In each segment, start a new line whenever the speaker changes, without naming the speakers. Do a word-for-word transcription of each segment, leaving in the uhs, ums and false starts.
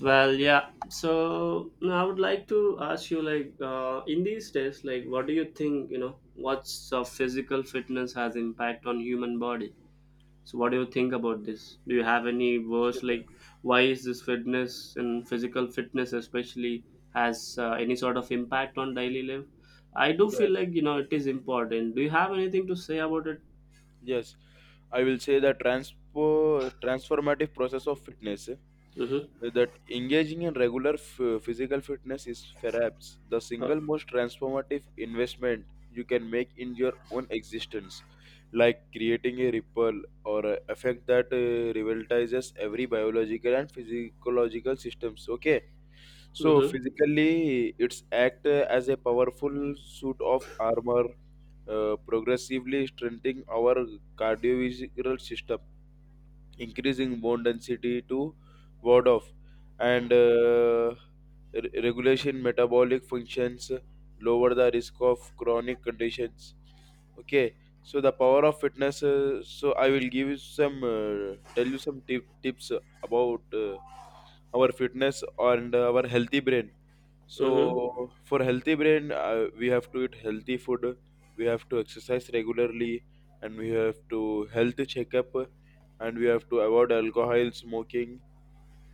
Well, yeah. So now I would like to ask you, like, uh, in these days, like, what do you think? You know, what's uh, physical fitness has impact on human body? So, what do you think about this? Do you have any words
Sure.
like why is this fitness and physical fitness especially has uh, any sort of impact on daily life? I do feel
Yes,
like you know it is important. Do you have anything to say about it?
yes. I will say the transpo transformative process of fitness. eh,
Mm-hmm.
That engaging in regular f- physical fitness is perhaps the
Uh,
single most transformative investment you can make in your own existence, like creating a ripple or a effect that uh, revitalizes every biological and physiological systems. Okay. So
mm-hmm.
physically, it's act uh, as a powerful suit of armor, uh, progressively strengthening our cardiovascular system, increasing bone density to ward off, and uh, re- regulation metabolic functions, lower the risk of chronic conditions. Okay, so the power of fitness. Uh, so I will give you some, uh, Tell you some tip, tips about. Uh, our fitness and our healthy brain.
Mm-hmm.
So for healthy brain, uh, we have to eat healthy food, we have to exercise regularly, and we have to health checkup, and we have to avoid alcohol, smoking,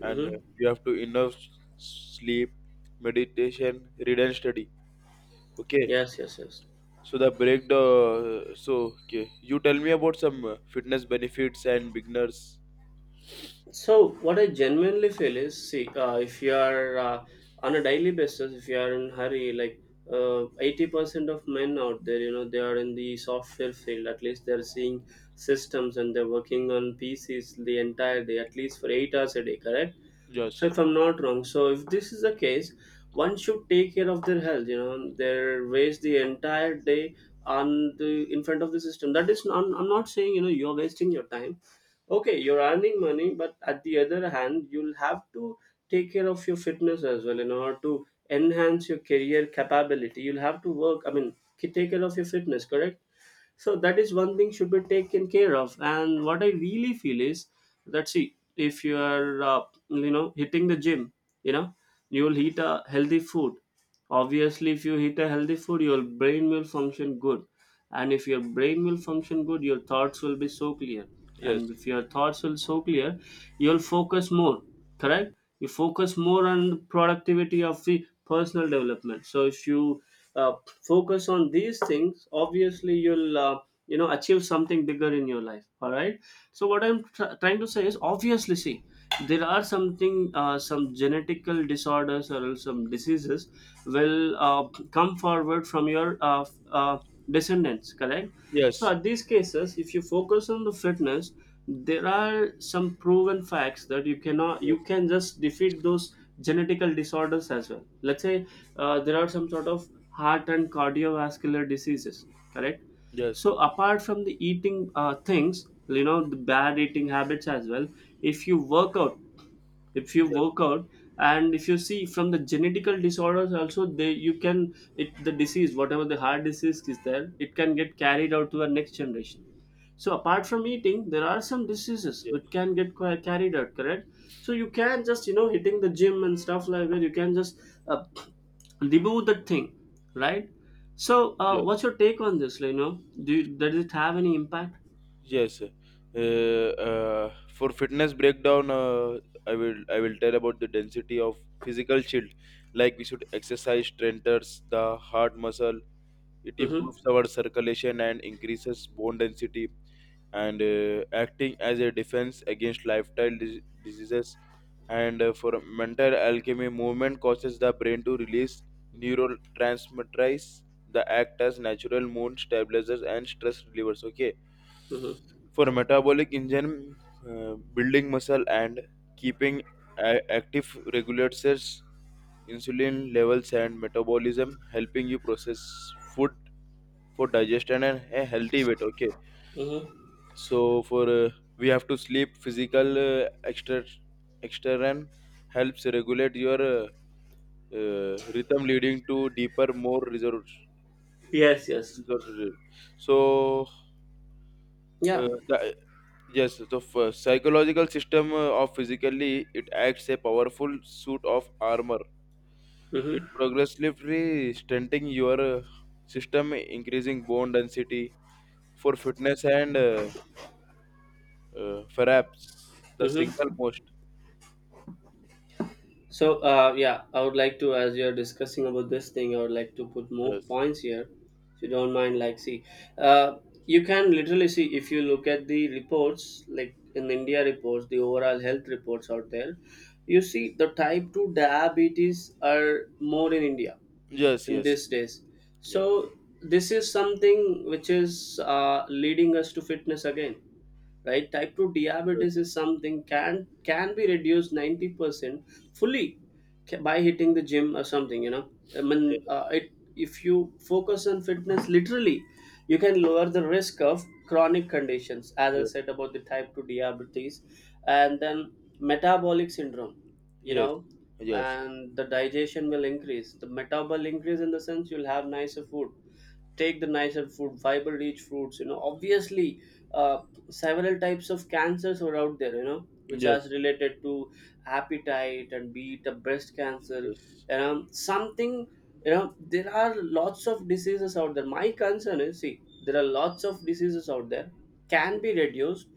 and
Mm-hmm.
uh, we have to enough s- sleep, meditation, read and study. Okay.
Yes. Yes. Yes.
So the break the so Okay. You tell me about some uh, fitness benefits and beginners.
So, what I genuinely feel is, see, uh, if you are uh, on a daily basis, if you are in hurry, like uh, eighty percent of men out there, you know, they are in the software field. At least they are seeing systems and they're working on P Cs the entire day, at least for eight hours a day. Correct? So,
Yes.
if I'm not wrong, so if this is the case, one should take care of their health. You know, they waste the entire day on the in front of the system. That is, I'm, I'm not saying you know you're wasting your time, okay, you're earning money, but at the other hand you'll have to take care of your fitness as well in order to enhance your career capability. You'll have to work, I mean, k- take care of your fitness, correct? So that is one thing should be taken care of. And what I really feel is that, see, if you are uh, you know, hitting the gym, you know, you will eat a healthy food. Obviously if you eat a healthy food your brain will function good, and if your brain will function good your thoughts will be so clear,
Yes.
and if your thoughts will so clear you'll focus more, correct? You focus more on the productivity of the personal development. So if you uh, focus on these things, obviously you'll uh, you know, achieve something bigger in your life, all right? So what I'm tr- trying to say is, obviously, see, there are something, uh, some genetical disorders or else some diseases will uh, come forward from your uh, f- uh, descendants, correct? So
Yes.
at these cases if you focus on the fitness there are some proven facts that you cannot
Yes.
you can just defeat those genetical disorders as well. Let's say uh, there are some sort of heart and cardiovascular diseases, correct?
Yes.
So apart from the eating uh, things, you know, the bad eating habits as well, if you work out, if you
Yes.
work out and if you see from the genetical disorders also, they you can it the disease, whatever the heart disease is there, it can get carried out to our next generation. So apart from eating there are some diseases
Yes.
which can get qui- carried out, correct? So you can just, you know, hitting the gym and stuff like that, you can just uh, remove that thing, right? So uh,
Ye-
what's your take on this? You know, do you, does it have any impact?
Yes. Uh, uh, for fitness breakdown, uh, I will I will tell about the density of physical shield. Like we should exercise strengthens the heart muscle. It
Mm-hmm,
improves our circulation and increases bone density, and uh, acting as a defense against lifestyle dis- diseases. And uh, for mental alchemy, movement causes the brain to release neurotransmitters. The act as natural mood stabilizers and stress relievers. Okay.
mm-hmm,
For a metabolic engine, uh, building muscle and keeping a- active regulates insulin levels and metabolism, helping you process food for digestion and a healthy weight. Okay.
mm-hmm.
So for uh, we have to sleep physical uh, extra external helps regulate your uh, uh, rhythm, leading to deeper more resource,
Yes, yes,
resource. So
yeah.
uh, the Yes, so the f- psychological system uh, of physically, it acts a powerful suit of armor. It
Mm-hmm,
progressively strengthening your uh, system, increasing bone density for fitness and uh, uh, perhaps the single
mm-hmm.
most.
So uh, yeah, I would like to, as you're discussing about this thing, I would like to put more
Yes,
points here, if you don't mind. Like, see, uh, you can literally see if you look at the reports, like in India reports, the overall health reports out there, you see the type two diabetes are more in India
yes,
in
yes,
these days.
yes,
So this is something which is uh, leading us to fitness again, right? Type two
yes,
diabetes is something can can be reduced ninety percent fully, ca- by hitting the gym or something, you know. I
yes,
mean, uh, it, if you focus on fitness literally you can lower the risk of chronic conditions, as I
yes,
said, about the type two diabetes and then metabolic syndrome, you
yes, yes,
know.
yes, yes,
And the digestion will increase, the metabolic increase, in the sense you'll have nicer food, take the nicer food, fiber rich fruits, you know. Obviously uh, several types of cancers are out there, you know, which are
yes,
related to appetite and be it a breast cancer, you know, something. You know, there are lots of diseases out there. My concern is, see, there are lots of diseases out there can be reduced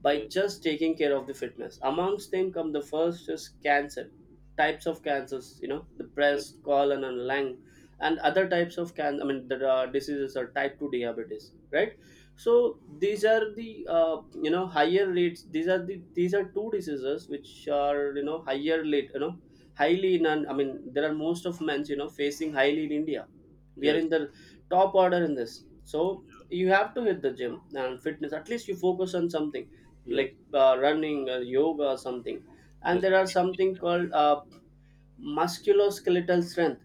by just taking care of the fitness. Amongst them come the first is cancer, types of cancers, you know, the breast, colon and lung. And other types of can I mean the uh, diseases are type two diabetes, right? So these are the uh, you know, higher rates. These are the these are two diseases which are, you know, higher rate, you know, highly in an, I mean, there are most of men's, you know, facing highly in India. We are
yes,
in the top order in this. So you have to hit the gym and fitness, at least you focus on something
yes,
like uh, running or yoga or something. And
yes,
there are
meditation
something
and all.
called uh, musculoskeletal strength.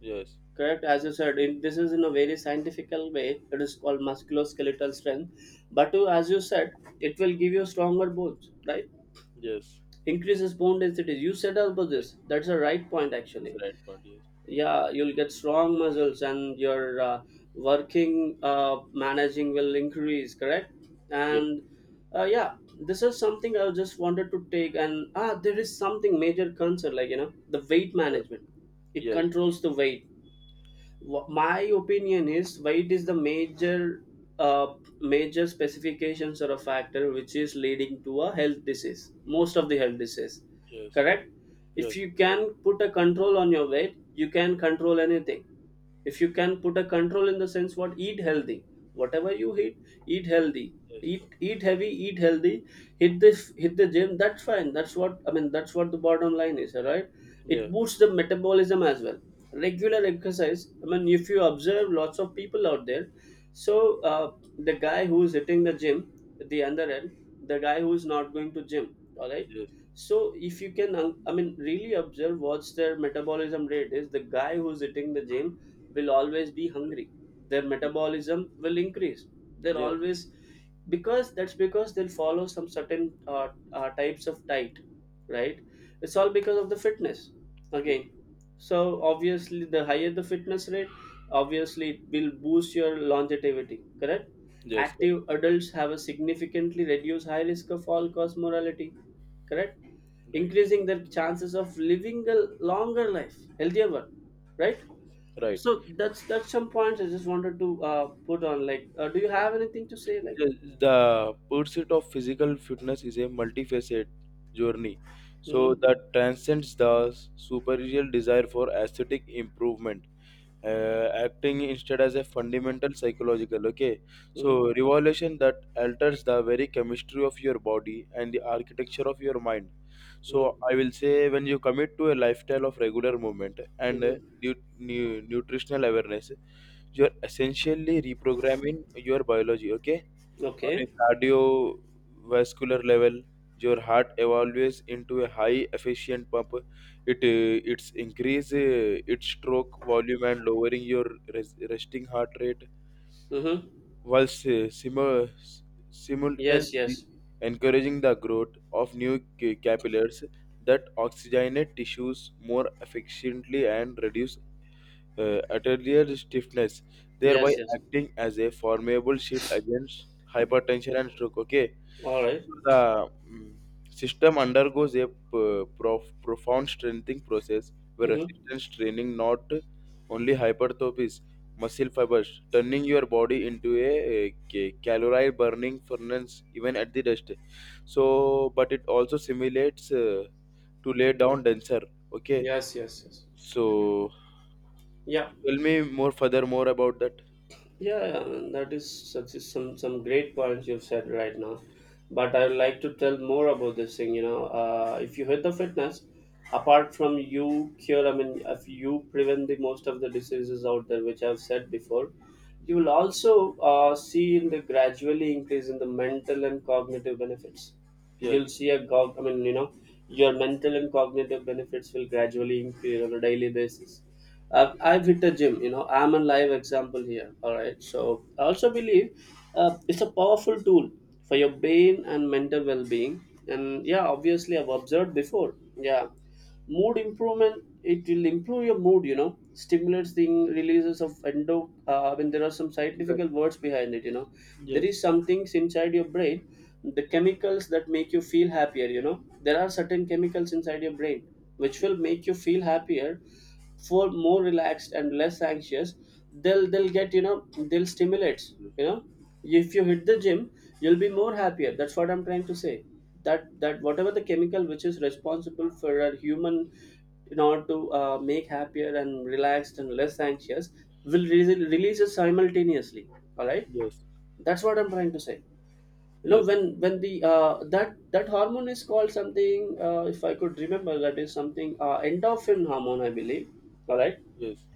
Yes,
Correct, as you said, in, this is in a very scientifical way. It is called musculoskeletal strength. But to, as you said, it will give you stronger bones, right?
yes,
Increases bone density. You said about
yes,
this. That's a right point,
that's the
actually.
right point. Yes,
Yeah, you'll get strong muscles, and your uh, working uh, managing will increase. Correct.
yes.
And uh, yeah, this is something I just wanted to take. And ah, there is something major concern, like, you know, the weight management. It
Yeah.
controls the weight. Wh- my opinion is weight is the major uh, major specifications or a factor which is leading to a health disease, most of the health disease,
Yes,
correct? If
yes,
you can put a control on your weight you can control anything. If you can put a control in the sense what, eat healthy, whatever you eat, eat healthy,
yes,
eat
yes,
eat heavy, eat healthy, hit this hit the gym, that's fine, that's what I mean, that's what the bottom line is, all right?
yeah,
It boosts the metabolism as well. Regular exercise, I mean, if you observe lots of people out there. So uh, the guy who's hitting the gym, at the other end the guy who's not going to gym, all right?
yes,
So if you can, um, I mean, really observe what's their metabolism rate is, the guy who's hitting the gym will always be hungry. Their metabolism will increase. They're
yes, yes,
always, because that's because they'll follow some certain uh, uh, types of diet, right? It's all because of the fitness
yes,
again. So obviously, the higher the fitness rate, obviously it will boost your longevity. Correct.
yes, correct.
Active adults have a significantly reduced high risk of all cause mortality. Correct,
Right,
increasing their chances of living a longer life, healthier one, right?
right.
So that's that's some points I just wanted to uh, put on. Like, uh, do you
Yes.
have anything to say? Like,
Yes, the pursuit of physical fitness is a multifaceted journey, so
mm-hmm,
that transcends the superficial desire for aesthetic improvement. Uh, acting instead as a fundamental psychological, okay, so
mm-hmm,
revolution that alters the very chemistry of your body and the architecture of your mind. So
mm-hmm,
I will say when you commit to a lifestyle of regular movement and uh,
mm-hmm.
nu- nu- nutritional awareness, you're essentially reprogramming your biology. Okay. On a
Okay,
cardiovascular level, your heart evolves into a high efficient pump. It uh, it's increase uh, its stroke volume and lowering your res- resting heart rate,
mm-hmm.
whilst uh, simu- s-
Yes,
simultaneously
yes,
encouraging the growth of new ca- capillaries that oxygenate tissues more efficiently and reduce uh, atelier stiffness, thereby
yes, yes.
acting as a formidable shield against hypertension and stroke. Okay,
All right.
so the mm, system undergoes a p- prof- profound strengthening process where
Mm-hmm.
resistance training not only hypertrophies muscle fibers, turning your body into a, a ca- calorie burning furnace even at the rest. So, but it also simulates uh, to lay down denser. Okay,
Yes, yes, yes.
so
Yeah.
tell me more, further more about that.
Yeah, that is such is some some great points you've said right now. But I would like to tell more about this thing. You know, uh, if you hit the fitness, apart from you cure, I mean, if you prevent the most of the diseases out there, which I've said before, you will also uh, see in the gradually increase in the mental and cognitive benefits.
Yes.
You'll see a gog. I mean, you know, your mental and cognitive benefits will gradually increase on a daily basis. I've, I've hit a gym. You know, I'm a live example here. All right. So I also believe uh, it's a powerful tool for your brain and mental well-being. And yeah, obviously I've observed before. Yeah, mood improvement, it will improve your mood, you know, stimulates the releases of endo, uh, I mean, there are some scientific
Yes.
words behind it, you know. There
Yes.
is some things inside your brain, the chemicals that make you feel happier, you know. There are certain chemicals inside your brain which will make you feel happier, for more relaxed and less anxious. They'll they'll get, you know, they'll stimulate, you know, if you hit the gym you'll be more happier. That's what I'm trying to say. That, that whatever the chemical which is responsible for a human in order to uh, make happier and relaxed and less anxious will re- release it simultaneously. All right,
Yes.
that's what I'm trying to say. You
Yes.
know, when when the uh, that, that hormone is called something. Uh, if I could remember, that is something uh, endorphin hormone, I believe. All right.
Yes.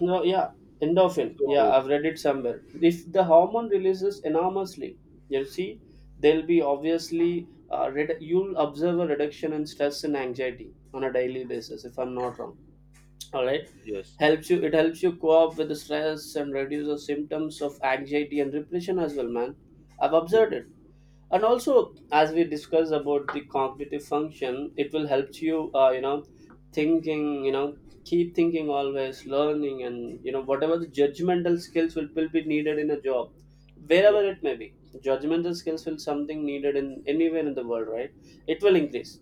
No, yeah, endorphin. Yeah,
So
I've read it somewhere. If the hormone releases enormously, you see, there'll be obviously, uh, redu you'll observe a reduction in stress and anxiety on a daily basis. If I'm not wrong, all right,
yes.
helps you. It helps you cope with the stress and reduces symptoms of anxiety and depression as well, man. I've
Yes.
observed it. And also as we discussed about the cognitive function, it will help you uh, you know, thinking, you know, keep thinking, always learning, and you know, whatever the judgmental skills will, will be needed in a job,
Yeah.
wherever it
Yes.
may be, judgmental skills will something needed in anywhere in the world, right? It will increase,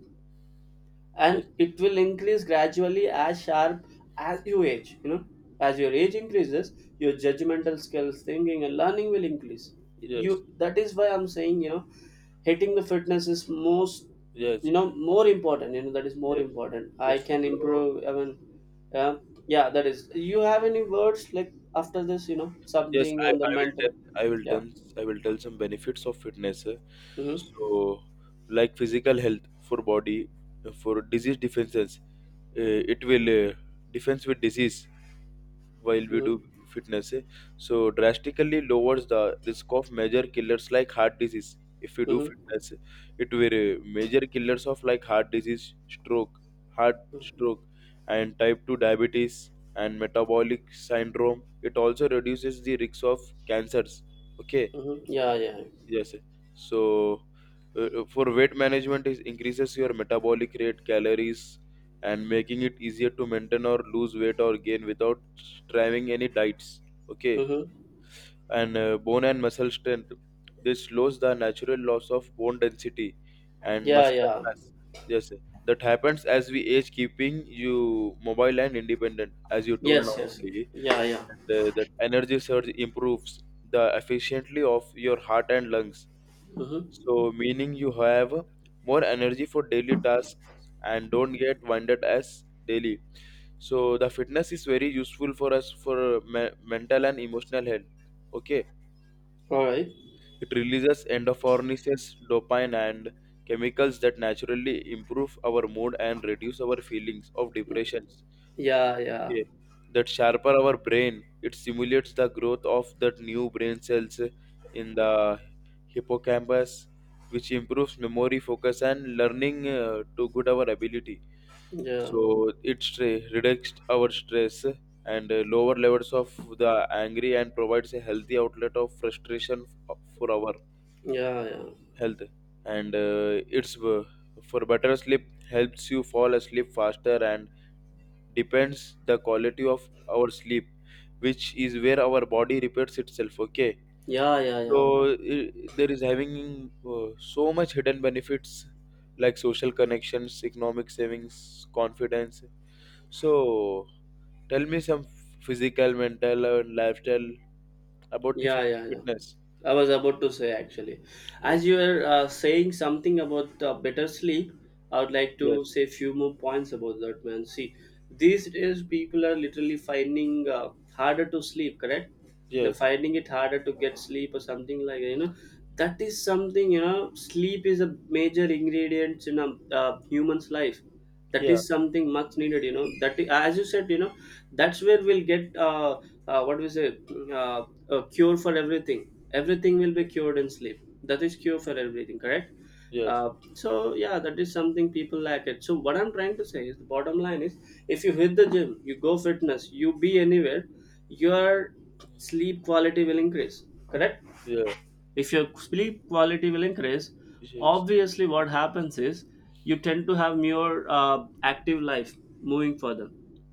Yes.
and it will increase gradually as sharp. As you age, you know, as your age increases, your
Yes.
judgmental skills, thinking and learning will increase. You, that is why I'm saying, you know, hitting the fitness is most,
Yes.
you know, more important. You know, that is more
Yes.
important. I
Yes.
can
So
improve, I mean, uh, yeah, that is, you have any words like after this, you know,
yes,
something
I,
on the
I will
mental?
tell I will
Yeah,
tell I will tell some benefits of fitness. eh.
mm-hmm,
So like physical health for body, for disease defenses. Eh, it will uh, defense with disease while we
mm-hmm,
do fitness, eh? so drastically lowers the risk of major killers like heart disease if we do
mm-hmm,
fitness, eh, it will uh, major killers of like heart disease, stroke, heart stroke, and type two diabetes and metabolic syndrome. It also reduces the risk of cancers. Okay.
mm-hmm. Yeah, yeah,
Yes. So uh, uh, for weight management, it increases your metabolic rate, calories, and making it easier to maintain or lose weight or gain without striving any diets. Okay.
mm-hmm.
And uh, bone and muscle strength. This slows the natural loss of bone density and
Yeah,
muscular
yeah.
mass. Yes. That happens as we age, keeping you mobile and independent, as you told
Yes,
now
yes.
only.
Yeah, yeah.
And uh, that energy surge improves the efficiency of your heart and lungs,
Mm-hmm.
so meaning you have more energy for daily tasks and don't get winded as daily. So, the fitness is very useful for us for me- mental and emotional health. Okay,
All right.
it releases endorphins, dopamine, and chemicals that naturally improve our mood and reduce our feelings of depression.
Yeah, yeah.
Okay, that sharper our brain, it simulates the growth of that new brain cells in the hippocampus, which improves memory, focus, and learning uh, to good our ability.
Yeah.
So it stra- reduced our stress and uh, lower levels of the angry and provides a healthy outlet of frustration f- for our
Yeah, yeah.
health. And uh, it's uh, for better sleep, helps you fall asleep faster and depends the quality of our sleep, which is where our body repairs itself. Okay.
Yeah, yeah, yeah.
So i- there is having uh, so much hidden benefits like social connections, economic savings, confidence. So tell me some physical, mental, and lifestyle about the
Yeah,
fit-
yeah, yeah.
fitness.
I was about to say actually, as
Yes,
you were uh, saying something about uh, better sleep, I would like
yes,
to say a few more points about that, man. See, these days people are literally finding uh, harder to sleep. Correct? They're
yes,
finding it harder to get sleep or something like that. You know, that is something. You know, sleep is a major ingredient in a uh, human's life. That
yeah,
is something much needed, you know, that, i- as you said, you know, that's where we'll get uh, uh what we say uh, a cure for everything. Everything will be cured in sleep. That is cure for everything, correct?
yes,
Uh, so yeah, that is something people lack it. So what I'm trying to say is the bottom line is, if you hit the gym, you go
yes,
fitness, you be anywhere, your sleep quality will increase, correct?
yes, yeah,
If your sleep quality will increase,
yes,
obviously what happens is you tend to have more uh, active life moving further.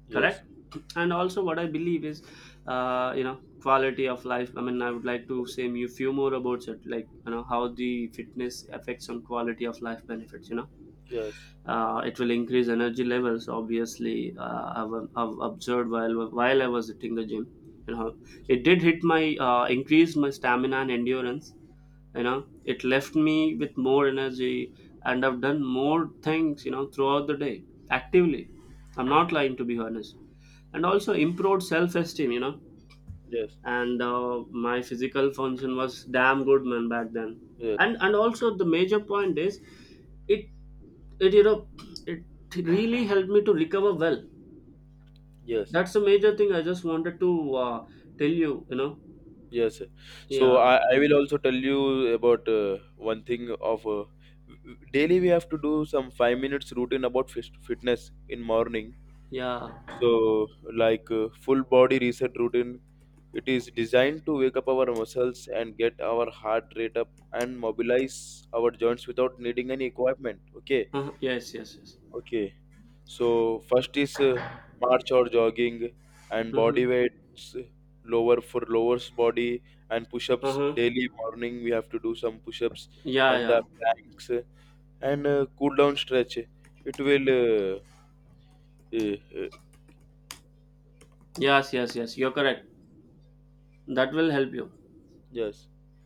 yes,
Correct? And also, what I believe is, uh, you know, quality of life. I mean, I would like to say
yes,
a few more about it, like, you know, how the fitness affects on quality of life benefits. You know,
yes,
uh, it will increase energy levels obviously. Uh, I've, I've observed while while I was hitting the gym, you know,
yes,
it did hit my, uh, increase my stamina and endurance. You know, it left me with more energy, and I've done more things, you know, throughout the day actively. I'm not lying, to be honest. And also improved self-esteem, you know.
yes,
And uh, my physical function was damn good, man, back then.
yes,
And, and also the major point is, it it, you know, it really helped me to recover well.
yes.
That's the major thing I just wanted to uh, tell you, you know.
Yes. So
Yeah,
I, I will also tell you about uh, one thing of uh, daily we have to do some five minute routine about fit- fitness in morning.
yeah.
So like uh, full body reset routine, it is designed to wake up our muscles and get our heart rate up and mobilize our joints without needing any equipment. Okay.
Uh, yes, yes, yes.
Okay. So first is uh, march or jogging and
Mm-hmm.
body weights lower for lowers body, and push-ups,
Uh-huh.
daily morning we have to do some push-ups
Yeah,
and the
yeah.
planks, uh, and uh, cool down stretch. It will uh, uh, uh,
Yes, yes, yes. You're correct. That will help you.
yes.